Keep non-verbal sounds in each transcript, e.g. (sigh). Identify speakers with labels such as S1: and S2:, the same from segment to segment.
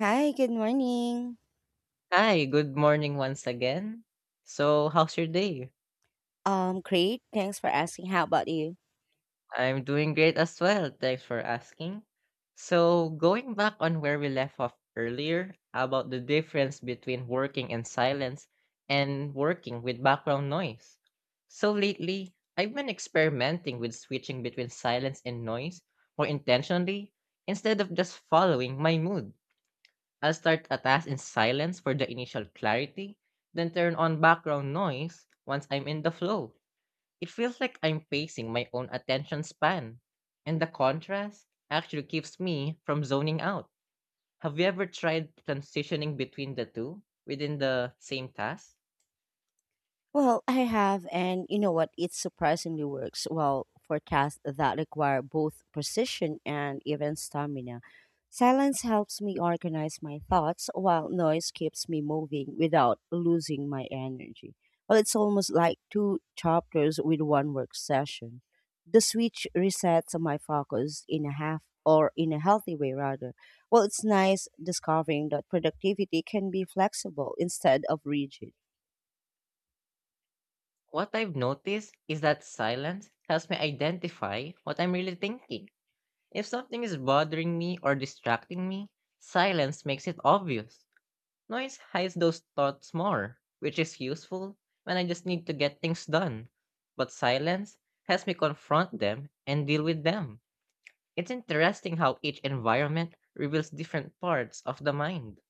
S1: Hi, good morning.
S2: Hi, good morning once again. So, how's your day?
S1: Great. Thanks for asking. How about you?
S2: I'm doing great as well. Thanks for asking. So, going back on where we left off earlier about the difference between working in silence and working with background noise. So, lately, I've been experimenting with switching between silence and noise more intentionally instead of just following my mood. I'll start a task in silence for the initial clarity, then turn on background noise once I'm in the flow. It feels like I'm pacing my own attention span. And the contrast actually keeps me from zoning out. Have you ever tried transitioning between the two within the same task?
S1: Well, I have, and you know what? It surprisingly works well for tasks that require both precision and even stamina. Silence helps me organize my thoughts, while noise keeps me moving without losing my energy. Well, it's almost like two chapters with one work session. The switch resets my focus in a half or in a healthy way, rather. Well, it's nice discovering that productivity can be flexible instead of rigid.
S2: What I've noticed is that silence helps me identify what I'm really thinking. If something is bothering me or distracting me, silence makes it obvious. Noise hides those thoughts more, which is useful when I just need to get things done. But silence has me confront them and deal with them. It's interesting how each environment reveals different parts of the mind.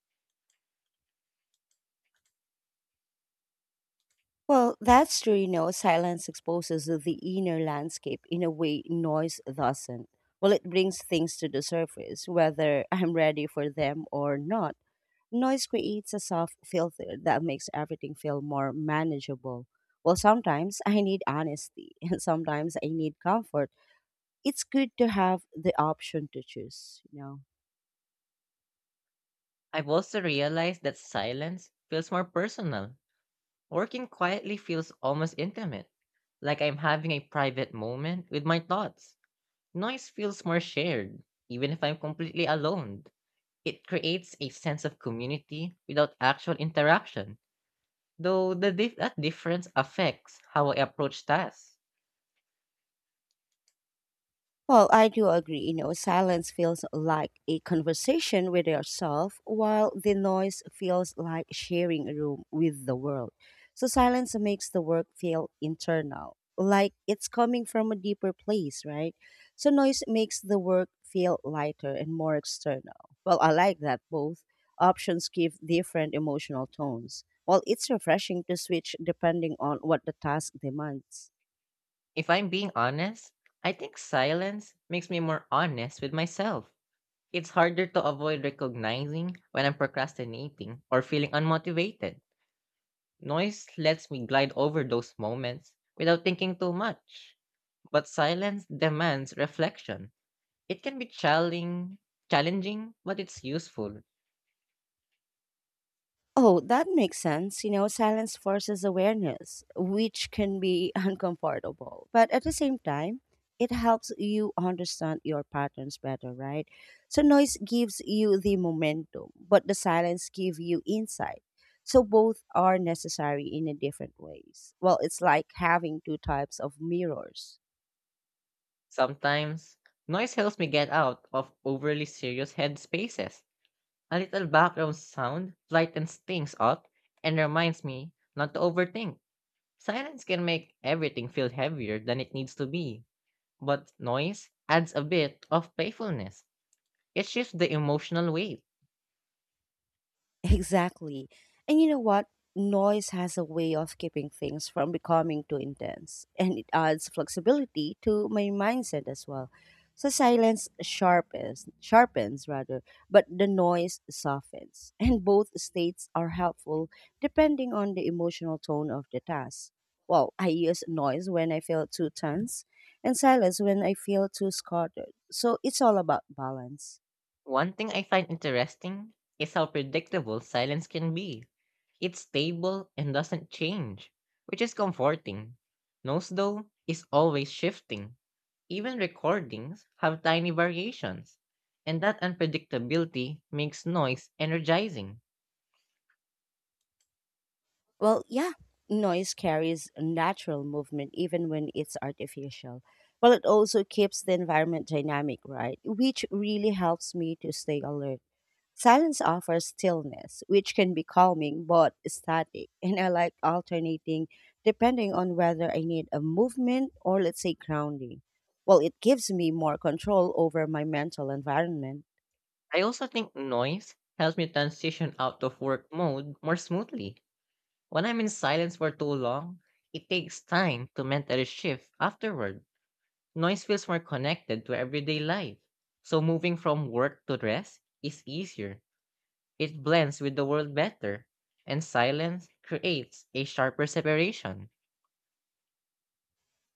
S1: Well, that's true. You know, silence exposes the inner landscape in a way noise doesn't. Well, it brings things to the surface, whether (laughs) I'm ready for them or not. Noise creates a soft filter that makes everything feel more manageable. Well, sometimes I need honesty, (laughs) and sometimes I need comfort. It's good to have the option to choose.
S2: I've also realized that silence feels more personal. Working quietly feels almost intimate, like I'm having a private moment with my thoughts. Noise feels more shared, even if I'm completely alone. It creates a sense of community without actual interaction, though that difference affects how I approach tasks.
S1: Well, I do agree. You know, silence feels like a conversation with yourself, while the noise feels like sharing a room with the world. So, silence makes the work feel internal, like it's coming from a deeper place, right? So, noise makes the work feel lighter and more external. Well, I like that both options give different emotional tones. Well, it's refreshing to switch depending on what the task demands.
S2: If I'm being honest, I think silence makes me more honest with myself. It's harder to avoid recognizing when I'm procrastinating or feeling unmotivated. Noise lets me glide over those moments without thinking too much, but silence demands reflection. It can be challenging, but it's useful.
S1: Oh, that makes sense. You know, silence forces awareness, which can be (laughs) uncomfortable. But at the same time, it helps you understand your patterns better, right? So noise gives you the momentum, but the silence gives you insight. So both are necessary in a different ways. Well, it's like having two types of mirrors.
S2: Sometimes, noise helps me get out of overly serious headspaces. A little background sound lightens things up and reminds me not to overthink. Silence can make everything feel heavier than it needs to be, but noise adds a bit of playfulness. It shifts the emotional weight.
S1: Exactly. And you know what? Noise has a way of keeping things from becoming too intense, and it adds flexibility to my mindset as well. So silence sharpens, but the noise softens, (laughs) and both states are helpful depending on the emotional tone of the task. Well, I use noise when I feel too tense, and silence when I feel too scattered. So it's all about balance.
S2: One thing I find interesting is how predictable silence can be. It's stable and doesn't change, which is comforting. Noise, though, is always shifting. Even recordings have tiny variations, and that unpredictability makes noise energizing.
S1: Well, yeah, noise carries natural movement even when it's artificial. Well, it also keeps the environment dynamic, right? Which really helps me to stay alert. Silence offers stillness, which can be calming but static. (laughs) And I like alternating depending on whether I need a movement or, let's say, grounding. Well, it gives me more control over my mental environment.
S2: I also think noise helps me transition out of work mode more smoothly. When I'm in silence for too long, it takes time to mentally shift afterward. Noise feels more connected to everyday life, so moving from work to rest is easier. It blends with the world better, and silence creates a sharper separation.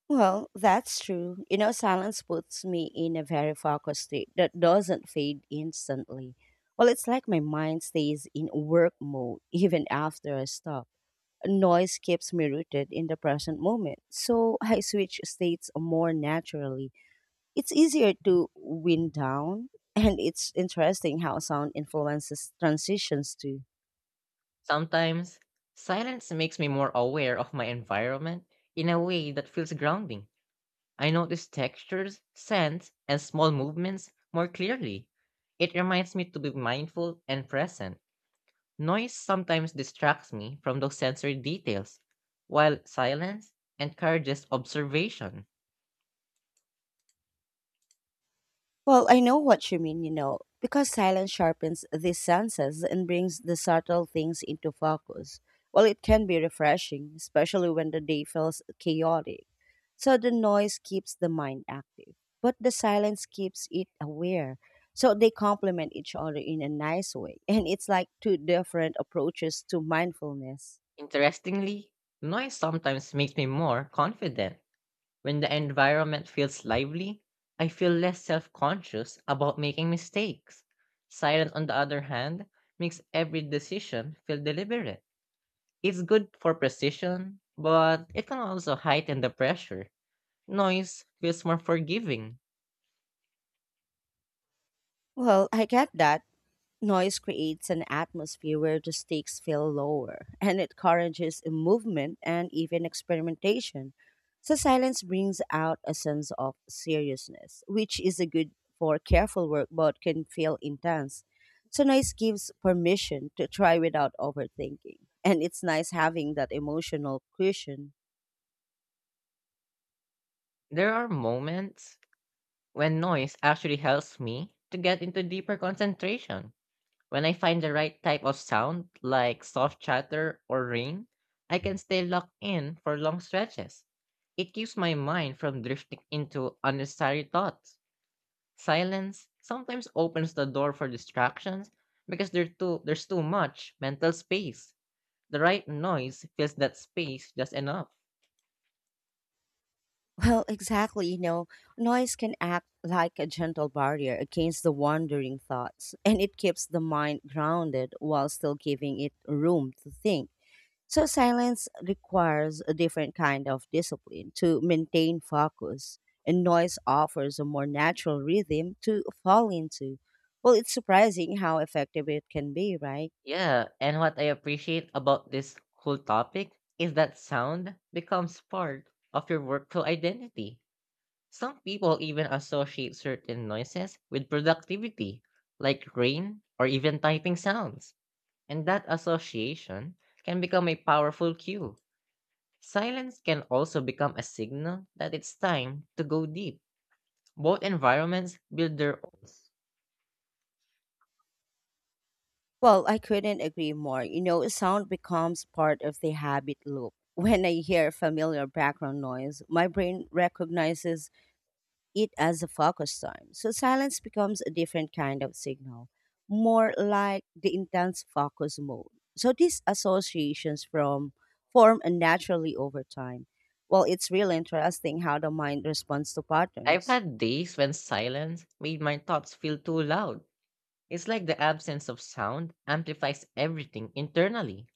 S1: Well, that's true. You know, silence puts me in a very focused state that doesn't fade instantly. Well, it's like my mind stays in work mode (laughs) even after I stop. Noise keeps me rooted in the present moment, so I switch states more naturally. It's easier to wind down, (laughs) and it's interesting how sound influences transitions too.
S2: Sometimes, silence makes me more aware of my environment in a way that feels grounding. I notice textures, scents, and small movements more clearly. It reminds me to be mindful and present. Noise sometimes distracts me from those sensory details, while silence encourages observation.
S1: Well, I know what you mean, you know, because silence sharpens the senses and brings the subtle things into focus. Well, it can be refreshing, especially when the day feels chaotic. So the noise keeps the mind active, but the silence keeps it aware. So they complement each other in a nice way. (laughs) And it's like two different approaches to mindfulness.
S2: Interestingly, noise sometimes makes me more confident. When the environment feels lively, I feel less self conscious about making mistakes. Silence, on the other hand, makes every decision feel deliberate. It's good for precision, but it can also heighten the pressure. Noise feels more forgiving.
S1: Well, I get that. Noise creates an atmosphere where the stakes feel lower, (laughs) and it encourages movement and even experimentation. So, silence brings out a sense of seriousness, which is a good for careful work but can feel intense. So, noise gives permission to try without overthinking, and it's nice having that emotional cushion.
S2: There are moments when noise actually helps me to get into deeper concentration. When I find the right type of sound, like soft chatter or rain, I can stay locked in for long stretches. It keeps my mind from drifting into unnecessary thoughts. Silence sometimes opens the door for distractions because there too, there's too much mental space. The right noise fills that space just enough.
S1: Well, exactly. You know, noise can act like a gentle barrier against the wandering thoughts, and it keeps the mind grounded while still giving it room to think. So, silence requires a different kind of discipline to maintain focus, and noise offers a more natural rhythm to fall into. Well, it's surprising how effective it can be, right?
S2: Yeah, and what I appreciate about this whole topic is that sound becomes part of your workflow identity. Some people even associate certain noises with productivity, like rain or even typing sounds, and that association can become a powerful cue. Silence can also become a signal that it's time to go deep. Both environments build their own.
S1: Well, I couldn't agree more. You know, sound becomes part of the habit loop. (laughs) When I hear familiar background noise, my brain recognizes it as a focus time. So silence becomes a different kind of signal, more like the intense focus mode. So these associations from form and naturally over time. Well, it's really interesting how the mind responds to
S2: I've
S1: patterns.
S2: had days when silence made my thoughts feel too loud. It's like the absence of sound amplifies everything internally.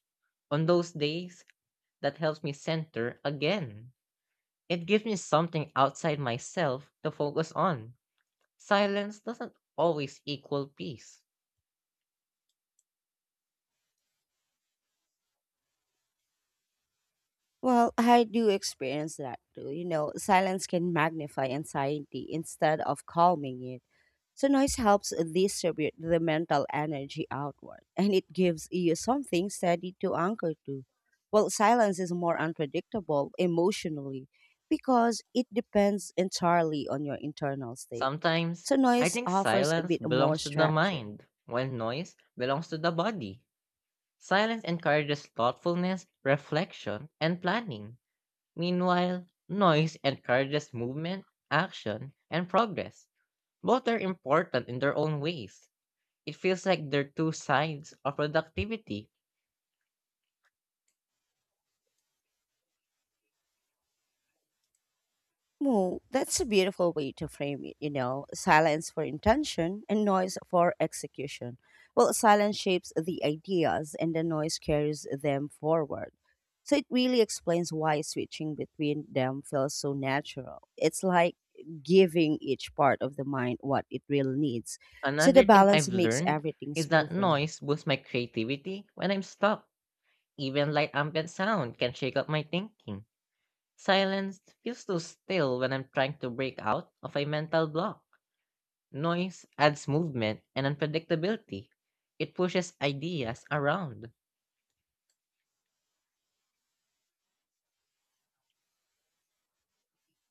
S2: On those days, that helps me center again. It gives me something outside myself to focus on. Silence doesn't always equal peace.
S1: Well, I do experience that too. You know, silence can magnify anxiety instead of calming it. So, noise helps distribute the mental energy outward (laughs) and it gives you something steady to anchor to. Well, silence is more unpredictable emotionally because it depends entirely on your internal state.
S2: Sometimes,
S1: So,
S2: I
S1: noise
S2: think
S1: offers a
S2: silence
S1: bit more
S2: belongs to the
S1: structure.
S2: mind, while noise belongs to the body. Silence encourages thoughtfulness, reflection, and planning. Meanwhile, noise encourages movement, action, and progress. Both are important in their own ways. It feels like they're two sides of productivity.
S1: Well, that's a beautiful way to frame it, you know, silence for intention and noise for execution. Well, silence shapes the ideas and the noise carries them forward. So it really explains why switching between them feels so natural. It's like giving each part of the mind what it really needs. So the
S2: Another thing
S1: balance
S2: I've
S1: makes
S2: learned
S1: everything
S2: is that
S1: smoother.
S2: noise boosts my creativity when I'm stuck. Even light ambient sound can shake up my thinking. Silence feels too still when I'm trying to break out of a mental block. Noise adds movement and unpredictability. It pushes ideas around.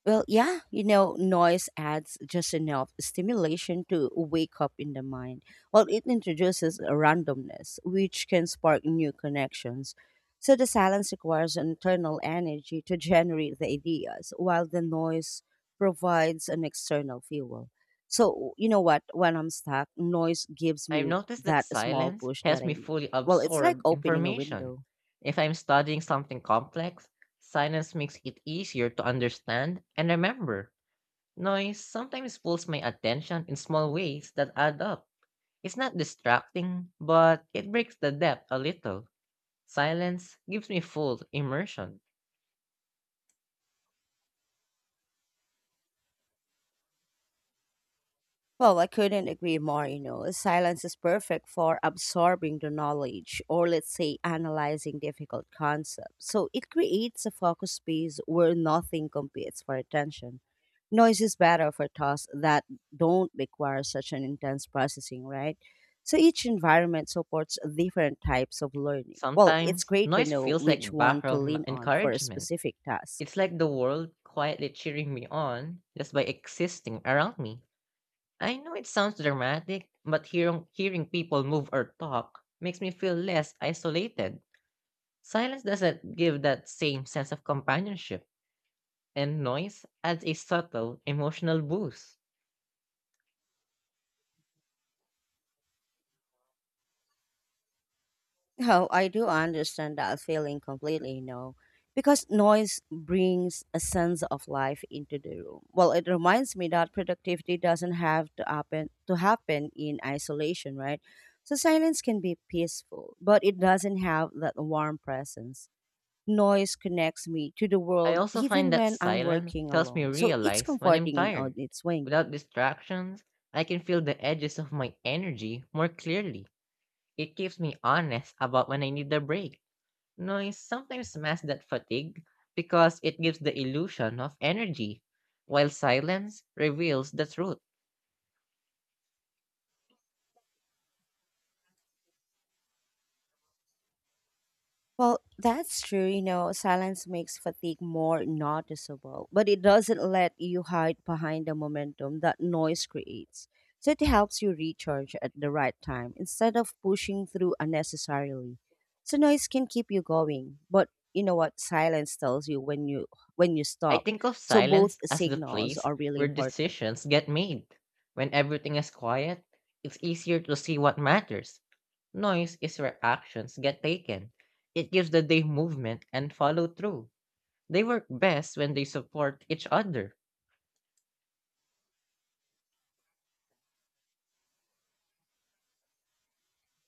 S1: Well, yeah, you know, noise adds just enough stimulation to wake up in the mind, while it introduces a randomness, which can spark new connections. So the silence requires an internal energy to (laughs) generate the ideas, while the noise provides an external fuel. So, you know what? When I'm stuck, noise gives
S2: I've
S1: me
S2: noticed that
S1: that small
S2: silence
S1: push that
S2: helps me
S1: I need.
S2: fully
S1: Well, it's like
S2: absorb
S1: opening a
S2: information.
S1: window.
S2: If I'm studying something complex, silence makes it easier to understand and remember. Noise sometimes pulls my attention in small ways that add up. It's not distracting, but it breaks the depth a little. Silence gives me full immersion.
S1: Well, I couldn't agree more, you know. Silence is perfect for absorbing the knowledge or let's say analyzing difficult concepts. So it creates a focus space where nothing competes for attention. Noise is better for tasks that don't require such an intense processing, right? So each environment supports different types of learning. Well, it's
S2: Sometimes
S1: great to
S2: noise
S1: know
S2: feels
S1: which
S2: like
S1: one to lean on for a
S2: encouragement.
S1: specific task.
S2: It's like the world quietly cheering me on just by existing around me. I know it sounds dramatic, but hearing people move or talk makes me feel less isolated. Silence doesn't give that same sense of companionship, and noise adds a subtle emotional boost.
S1: Oh, I do understand that feeling completely, you know, because noise brings a sense of life into the room. Well, it reminds me that productivity doesn't have to happen in isolation, right? So silence can be peaceful, but it doesn't have that warm presence. Noise connects me to the
S2: I
S1: world
S2: also find
S1: even
S2: that
S1: when I'm
S2: silence
S1: working
S2: helps me
S1: alone. So it's
S2: realize when I'm
S1: comforting in all
S2: tired.
S1: its way.
S2: Without distractions, I can feel the edges of my energy more clearly. It keeps me honest about when I need a break. Noise sometimes masks that fatigue because it gives the illusion of energy, while silence reveals the truth.
S1: Well, that's true. You know, silence makes fatigue more noticeable, but it doesn't let you hide behind the momentum that noise creates. So it helps you recharge at the right time instead of pushing through unnecessarily. So noise can keep you going, but you know what? Silence tells you when you
S2: I
S1: stop.
S2: think of
S1: So both
S2: silence as the
S1: signals
S2: place
S1: are really
S2: where
S1: important.
S2: decisions get made. When everything is quiet, it's easier to see what matters. Noise is where actions get taken. It gives the day movement and follow through. They work best when they support each other.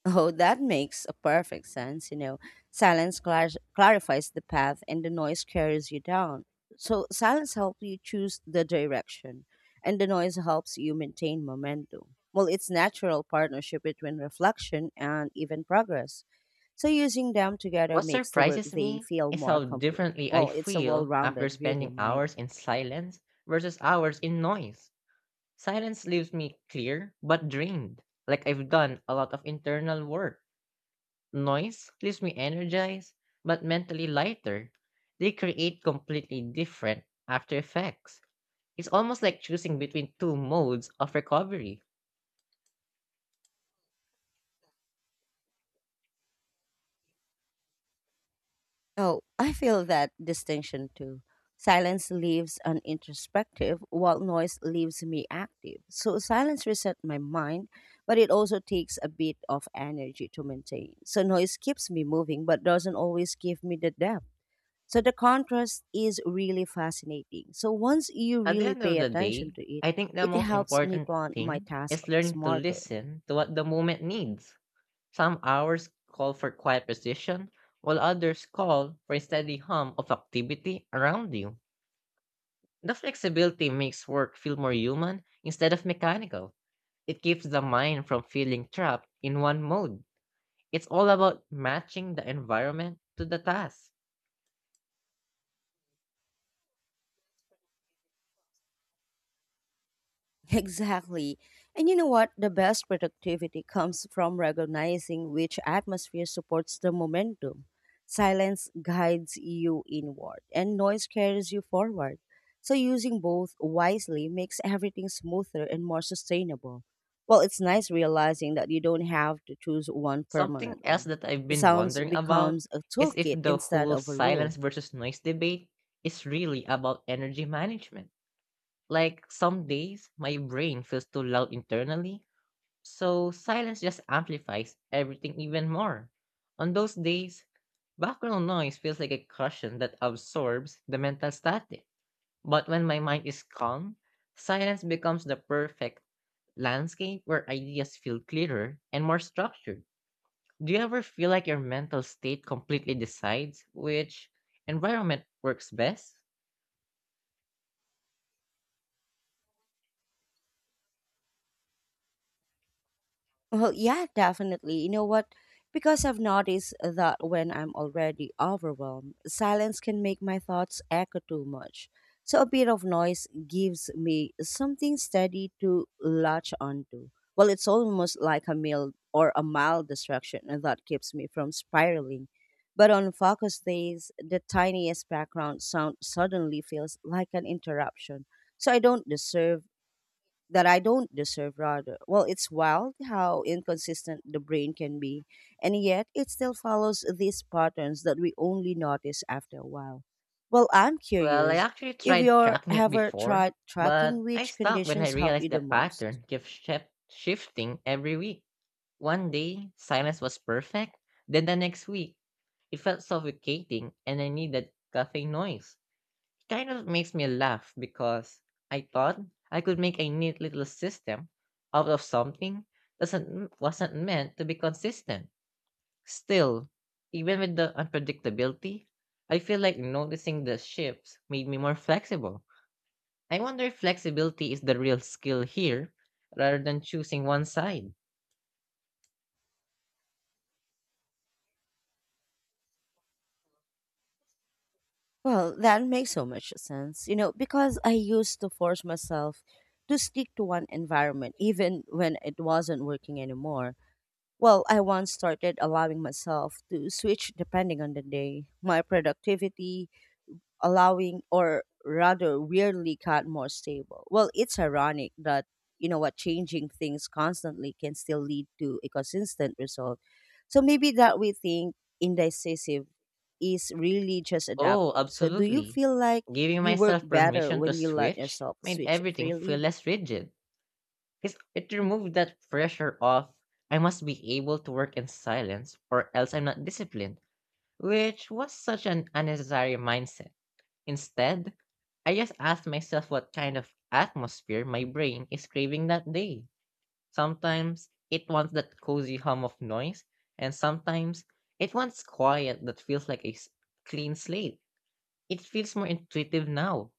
S1: Oh, that makes a perfect sense. You know, silence clarifies the path and the noise carries you down. So, silence helps you choose the direction, and the noise helps you maintain momentum. Well, it's natural partnership between reflection and even progress. So, using them together
S2: What
S1: makes the work
S2: surprises
S1: they
S2: me
S1: feel
S2: is
S1: more
S2: how
S1: complete.
S2: differently I
S1: Well, it's a well
S2: feel after
S1: rounded
S2: spending
S1: rhythm, right?
S2: hours in silence versus hours in noise. Silence leaves me clear but drained, like I've done a lot of internal work. Noise leaves me energized, but mentally lighter. They create completely different after effects. It's almost like choosing between two modes of recovery.
S1: Oh, I feel that distinction too. Silence leaves an introspective, while noise leaves me active. So silence resets my mind, but it also takes a bit of energy to maintain. So noise keeps me moving, but doesn't always give me the depth. So the contrast is really fascinating. So once you
S2: At the
S1: really
S2: end of
S1: pay
S2: the day,
S1: attention to it,
S2: I think the
S1: it
S2: most
S1: helps me
S2: important
S1: plan my
S2: thing
S1: task
S2: is learning to
S1: smarter.
S2: listen to what the moment needs. Some hours call for quiet precision, while others call for a steady hum of activity around you. The flexibility makes work feel more human instead of mechanical. It keeps the mind from feeling trapped in one mode. It's all about matching the environment to the task.
S1: Exactly. And you know what? The best productivity comes from recognizing which atmosphere supports the momentum. Silence guides you inward, and noise carries you forward. So, using both wisely makes everything smoother and more sustainable. Well, it's nice realizing that you don't have to choose one
S2: Something else
S1: permanently.
S2: that I've
S1: The
S2: been
S1: sounds
S2: wondering about
S1: becomes a
S2: is if
S1: toolkit
S2: the
S1: instead
S2: whole
S1: of a rule.
S2: silence versus noise debate is really about energy management. Like some days, my brain feels too loud internally, so silence just amplifies everything even more. On those days, background noise feels like a cushion that absorbs the mental static. But when my mind is calm, silence becomes the perfect landscape where ideas feel clearer and more structured. Do you ever feel like your mental state completely decides which environment works best?
S1: Well, yeah, definitely. You know what? Because I've noticed that when I'm already overwhelmed, silence can make my thoughts echo too much. So a bit of noise gives me something steady to latch onto. Well, it's almost like a mild distraction that keeps me from spiraling. But on focus days, the tiniest background sound suddenly feels like an interruption. So I don't deserve, rather. Well, it's wild how inconsistent the brain can be, and yet it still follows these patterns that we only notice after a while. Well, I'm
S2: Well, I
S1: curious
S2: actually
S1: if
S2: tried
S1: you're
S2: tracking it
S1: ever
S2: before,
S1: tried tracking
S2: but I
S1: which
S2: stopped when I
S1: conditions help
S2: realized
S1: you
S2: the
S1: the most.
S2: pattern kept shifting every week. One day, silence was perfect, then the next week, it felt suffocating and I needed cafe noise. Kind of makes me laugh because I thought I could make a neat little system out of something doesn't wasn't meant to be consistent. Still, even with the unpredictability, I feel like noticing the shifts made me more flexible. I wonder if flexibility is the real skill here rather than choosing one side.
S1: Well, that makes so much sense, you know, because I used to force myself to stick to one environment even when it wasn't working anymore. Well, I once started allowing myself to switch depending on the day. My productivity, allowing, or rather weirdly got more stable. Well, it's ironic that, you know what, changing things constantly can still lead to a consistent result. So maybe that we think indecisive is really just
S2: Oh,
S1: adapting. So do you
S2: absolutely.
S1: feel like
S2: Giving
S1: you work
S2: myself
S1: better
S2: permission to
S1: when you let
S2: switch
S1: yourself
S2: made
S1: switch
S2: everything feel
S1: freely?
S2: less rigid. It removed that pressure of I must be able to work in silence or else I'm not disciplined, which was such an unnecessary mindset. Instead, I just asked myself what kind of atmosphere my brain is craving that day. Sometimes it wants that cozy hum of noise, and sometimes it wants quiet that feels like a clean slate. It feels more intuitive now.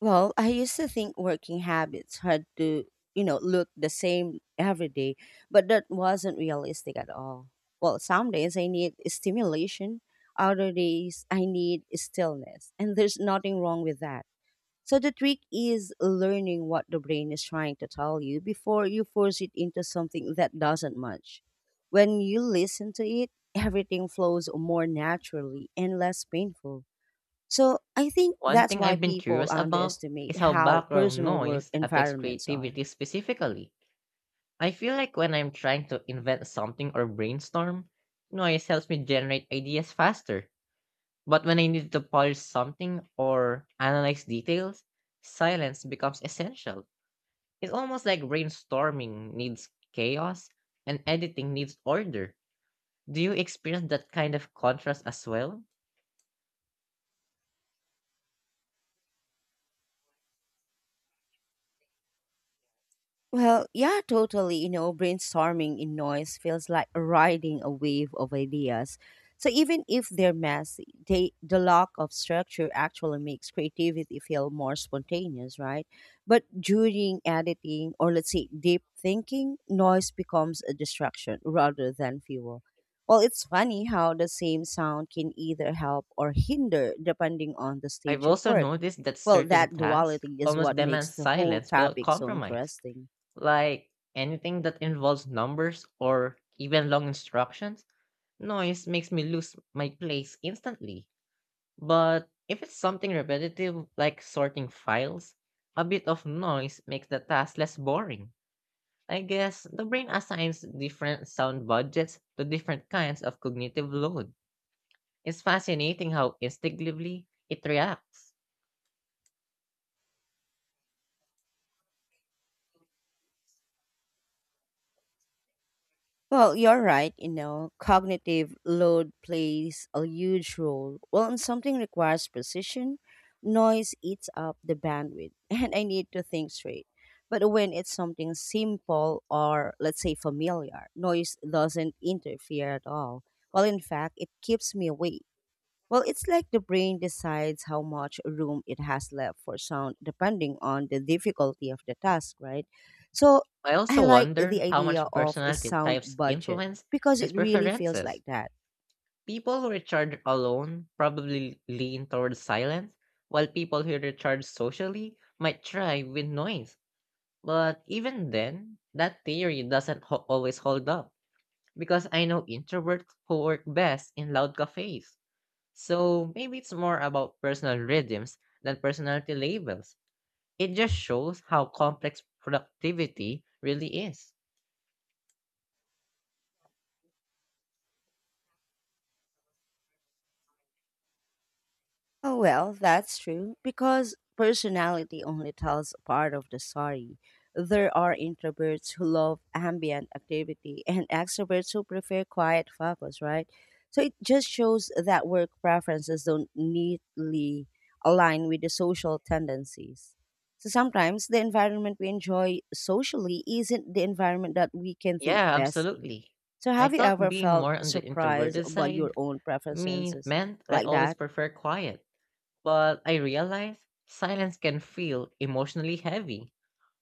S1: Well, I used to think working habits had to, you know, look the same every day, but that wasn't realistic at all. Well, some days I need stimulation, other days I need stillness, and there's nothing wrong with that. So the trick is learning what the brain is trying to tell you before you force it into something that doesn't match. When you listen to it, everything flows more naturally and less painful. So I think
S2: One
S1: that's
S2: thing
S1: why
S2: I've been
S1: people
S2: curious about is
S1: underestimate
S2: how
S1: how
S2: background
S1: personal work
S2: noise affects
S1: environments are.
S2: creativity specifically. I feel like when I'm trying to invent something or brainstorm, noise helps me generate ideas faster. But when I need to polish something or analyze details, silence becomes essential. It's almost like brainstorming needs chaos and editing needs order. Do you experience that kind of contrast as well?
S1: Well, yeah, totally. Brainstorming in noise feels like riding a wave of ideas. So even if they're messy, the lack of structure actually makes creativity feel more spontaneous, right? But during editing or let's say deep thinking, noise becomes a distraction rather than fuel. Well, it's funny how the same sound can either help or hinder depending on the
S2: I've
S1: stage of
S2: also
S1: work.
S2: noticed that
S1: Well,
S2: certain
S1: that
S2: tasks
S1: duality is
S2: almost
S1: what makes
S2: demand
S1: the whole
S2: silence without
S1: topic so
S2: compromise.
S1: interesting.
S2: Like anything that involves numbers or even long instructions, noise makes me lose my place instantly. But if it's something repetitive like sorting files, a bit of noise makes the task less boring. I guess the brain assigns different sound budgets to different kinds of cognitive load. It's fascinating how instinctively it reacts.
S1: Well, you're right, cognitive load plays a huge role. Well, when something requires precision, noise eats up the bandwidth, (laughs) and I need to think straight. But when it's something simple or, let's say, familiar, noise doesn't interfere at all. Well, in fact, it keeps me awake. Well, it's like the brain decides how much room it has left for sound depending on the difficulty of the task, right? So
S2: I
S1: I
S2: also
S1: like the
S2: wonder how
S1: idea
S2: much
S1: of a
S2: personality
S1: sound
S2: types
S1: budget
S2: influence
S1: because
S2: these
S1: it really feels
S2: preferences.
S1: like that.
S2: People who recharge alone probably lean towards silence, while people who recharge socially might thrive with noise. But even then, that theory doesn't always hold up because I know introverts who work best in loud cafes. So maybe it's more about personal rhythms than personality labels. It just shows how complex productivity really is.
S1: Oh, well, that's true, because personality only tells a part of the story. There are introverts who love ambient activity and extroverts who prefer quiet focus, right? So it just shows that work preferences don't neatly align with the social tendencies. So sometimes the environment we enjoy socially isn't the environment that we can think
S2: Yeah,
S1: best in.
S2: absolutely.
S1: So
S2: I
S1: have you
S2: thought
S1: ever
S2: being
S1: felt
S2: more on the
S1: surprised
S2: introverted
S1: by your
S2: side
S1: own preferences
S2: meant I'd
S1: like
S2: always
S1: that?
S2: prefer quiet, but I realized silence can feel emotionally heavy.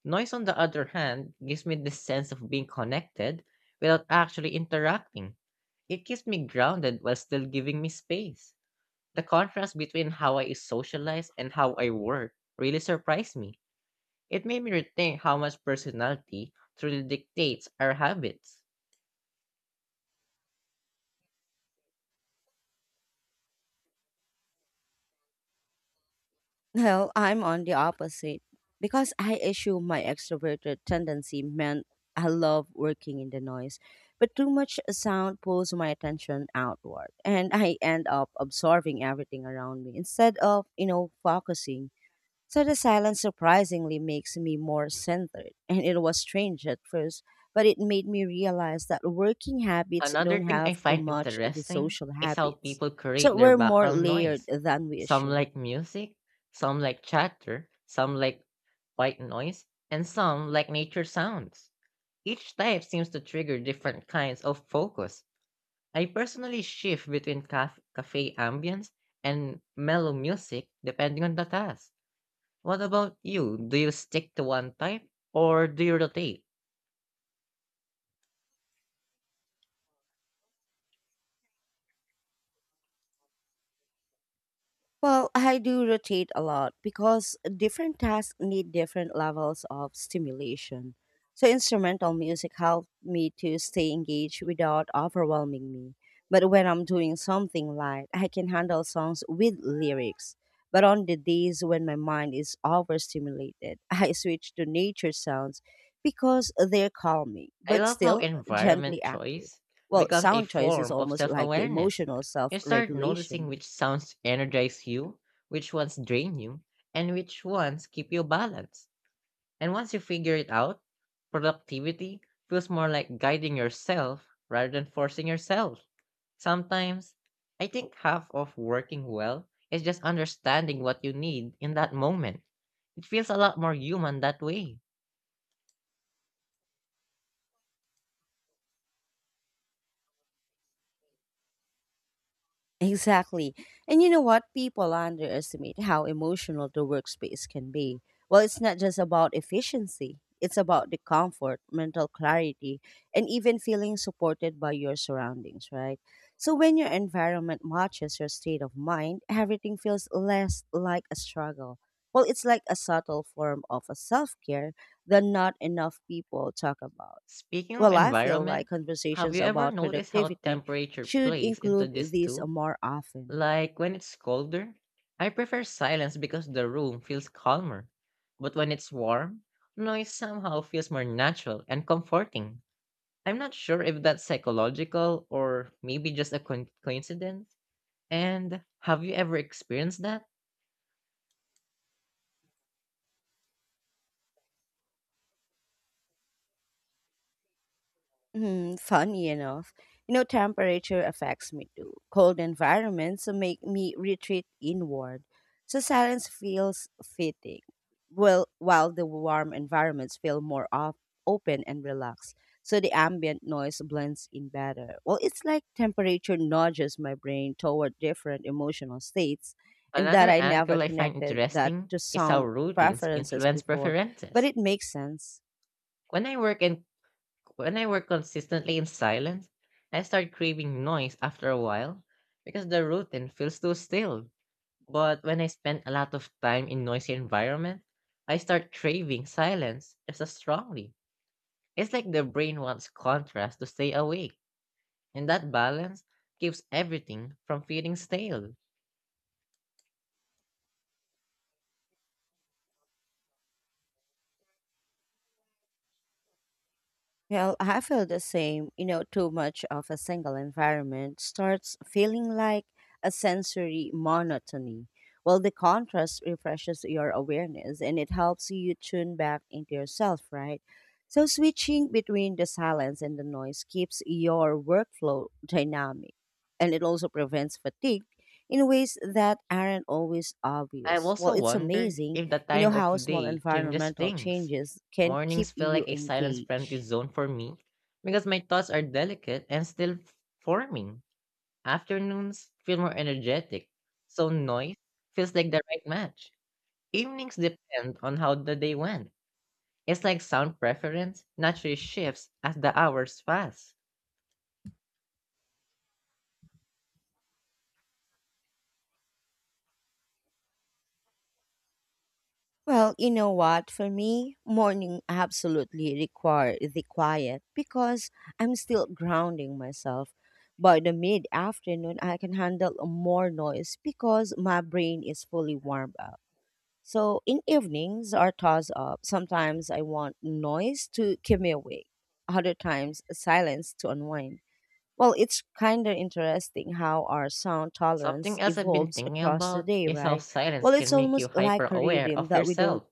S2: Noise, on the other hand, gives me this sense of being connected without actually interacting. It keeps me grounded while still giving me space. The contrast between how I socialize and how I work really surprised me. It made me rethink how much personality truly dictates our habits.
S1: Well, I'm on the opposite because I assume my extroverted tendency meant I love working in the noise, but too much sound pulls my attention outward and I end up absorbing everything around me instead of, focusing. So the silence surprisingly makes me more centered, and it was strange at first, but it made me realize that working habits
S2: Another
S1: don't
S2: thing
S1: have
S2: I
S1: to
S2: find
S1: match the
S2: interesting
S1: social
S2: is how
S1: habits.
S2: people create
S1: So
S2: their
S1: we're more
S2: background
S1: layered
S2: noise.
S1: than we
S2: Some
S1: assume.
S2: like music, some like chatter, some like white noise, and some like nature sounds. Each type seems to trigger different kinds of focus. I personally shift between cafe ambience and mellow music depending on the task. What about you? Do you stick to one type or do you rotate?
S1: Well, I do rotate a lot because different tasks need different levels of stimulation. So, instrumental music helps me to stay engaged without overwhelming me. But when I'm doing something light, I can handle songs with lyrics. But on the days when my mind is overstimulated, (laughs) I switch to nature sounds because they're calming,
S2: I
S1: but
S2: love how
S1: still
S2: environment
S1: gently active.
S2: choice
S1: Well,
S2: becomes a
S1: sound choice is
S2: form of
S1: almost
S2: self
S1: like the
S2: awareness.
S1: emotional self
S2: You start noticing
S1: regulation.
S2: which sounds energize you, which ones drain you, and which ones keep you balanced. And once you figure it out, productivity feels more like guiding yourself rather than forcing yourself. Sometimes, I think half of working well is just understanding what you need in that moment. It feels a lot more human that way.
S1: Exactly. And you know what? People underestimate how emotional the workspace can be. Well, it's not just about efficiency, it's about the comfort, mental clarity, and even feeling supported by your surroundings, right? So, when your environment matches your state of mind, everything feels less like a struggle. Well, it's like a subtle form of a self care that not enough people talk about.
S2: Speaking of
S1: Well, I feel
S2: environment,
S1: like
S2: have
S1: conversations
S2: you ever
S1: about
S2: noticed how
S1: productivity
S2: temperature
S1: should
S2: plays into
S1: include
S2: this
S1: these
S2: too?
S1: more often.
S2: Like when it's colder, I prefer silence because the room feels calmer. But when it's warm, noise somehow feels more natural and comforting. I'm not sure if that's psychological or maybe just a coincidence. And have you ever experienced that?
S1: Hmm, funny enough, temperature affects me too. Cold environments make me retreat inward, so silence feels fitting. Well, while the warm environments feel more op- open and relaxed, so the ambient noise blends in better. Well, it's like temperature nudges my brain toward different emotional states, and that
S2: Another
S1: I never
S2: angle I find
S1: connected that
S2: interesting
S1: to
S2: is how
S1: sound
S2: routines
S1: preferences
S2: influence
S1: before, but
S2: preferences.
S1: it makes sense.
S2: When I work in When I work consistently in silence, I start craving noise after a while because the routine feels too still. But when I spend a lot of time in noisy environment, I start craving silence just as strongly. It's like the brain wants contrast to stay awake, and that balance keeps everything from feeling stale.
S1: Well, I feel the same. Too much of a single environment starts feeling like a sensory monotony. Well, the contrast refreshes your awareness and it helps you tune back into yourself, right? So, switching between the silence and the noise keeps your workflow dynamic and it also prevents fatigue in ways that aren't always
S2: I've
S1: obvious. Well,
S2: also
S1: it's
S2: wondered
S1: amazing,
S2: if the time
S1: how
S2: of
S1: small
S2: day changes
S1: environmental
S2: things.
S1: changes can keep
S2: Mornings feel
S1: you
S2: like a silence friendly
S1: engaged.
S2: zone for me because my thoughts are delicate and still forming. Afternoons feel more energetic, so noise feels like the right match. Evenings depend on how the day went. It's like sound preference naturally shifts as the hours pass.
S1: Well, you know what? For me, morning absolutely require the quiet because I'm still grounding myself. By the mid afternoon, I can handle more noise because my brain is fully warmed up. So in evenings are toss up, sometimes I want noise to keep me awake, other times silence to unwind. Well, it's kind of interesting how our sound
S2: Something
S1: tolerance
S2: else I've been
S1: evolves
S2: thinking
S1: across the
S2: about
S1: day,
S2: is how
S1: right?
S2: silence
S1: Well, it's
S2: can make you
S1: almost like
S2: hyper
S1: a
S2: aware
S1: rhythm
S2: of
S1: that we don't
S2: yourself.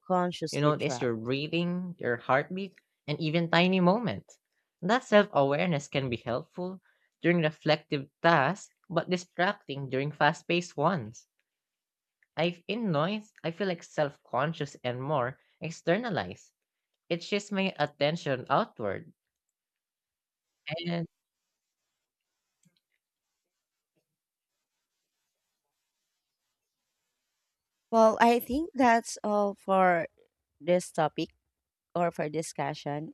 S2: You
S1: consciously
S2: notice
S1: track.
S2: your breathing, your heartbeat, and even tiny moments. That self awareness can be helpful during reflective tasks, but distracting during fast paced ones. I've in noise, I feel like self conscious and more externalized. It shifts my attention outward and
S1: Well, I think that's all for this topic or for discussion.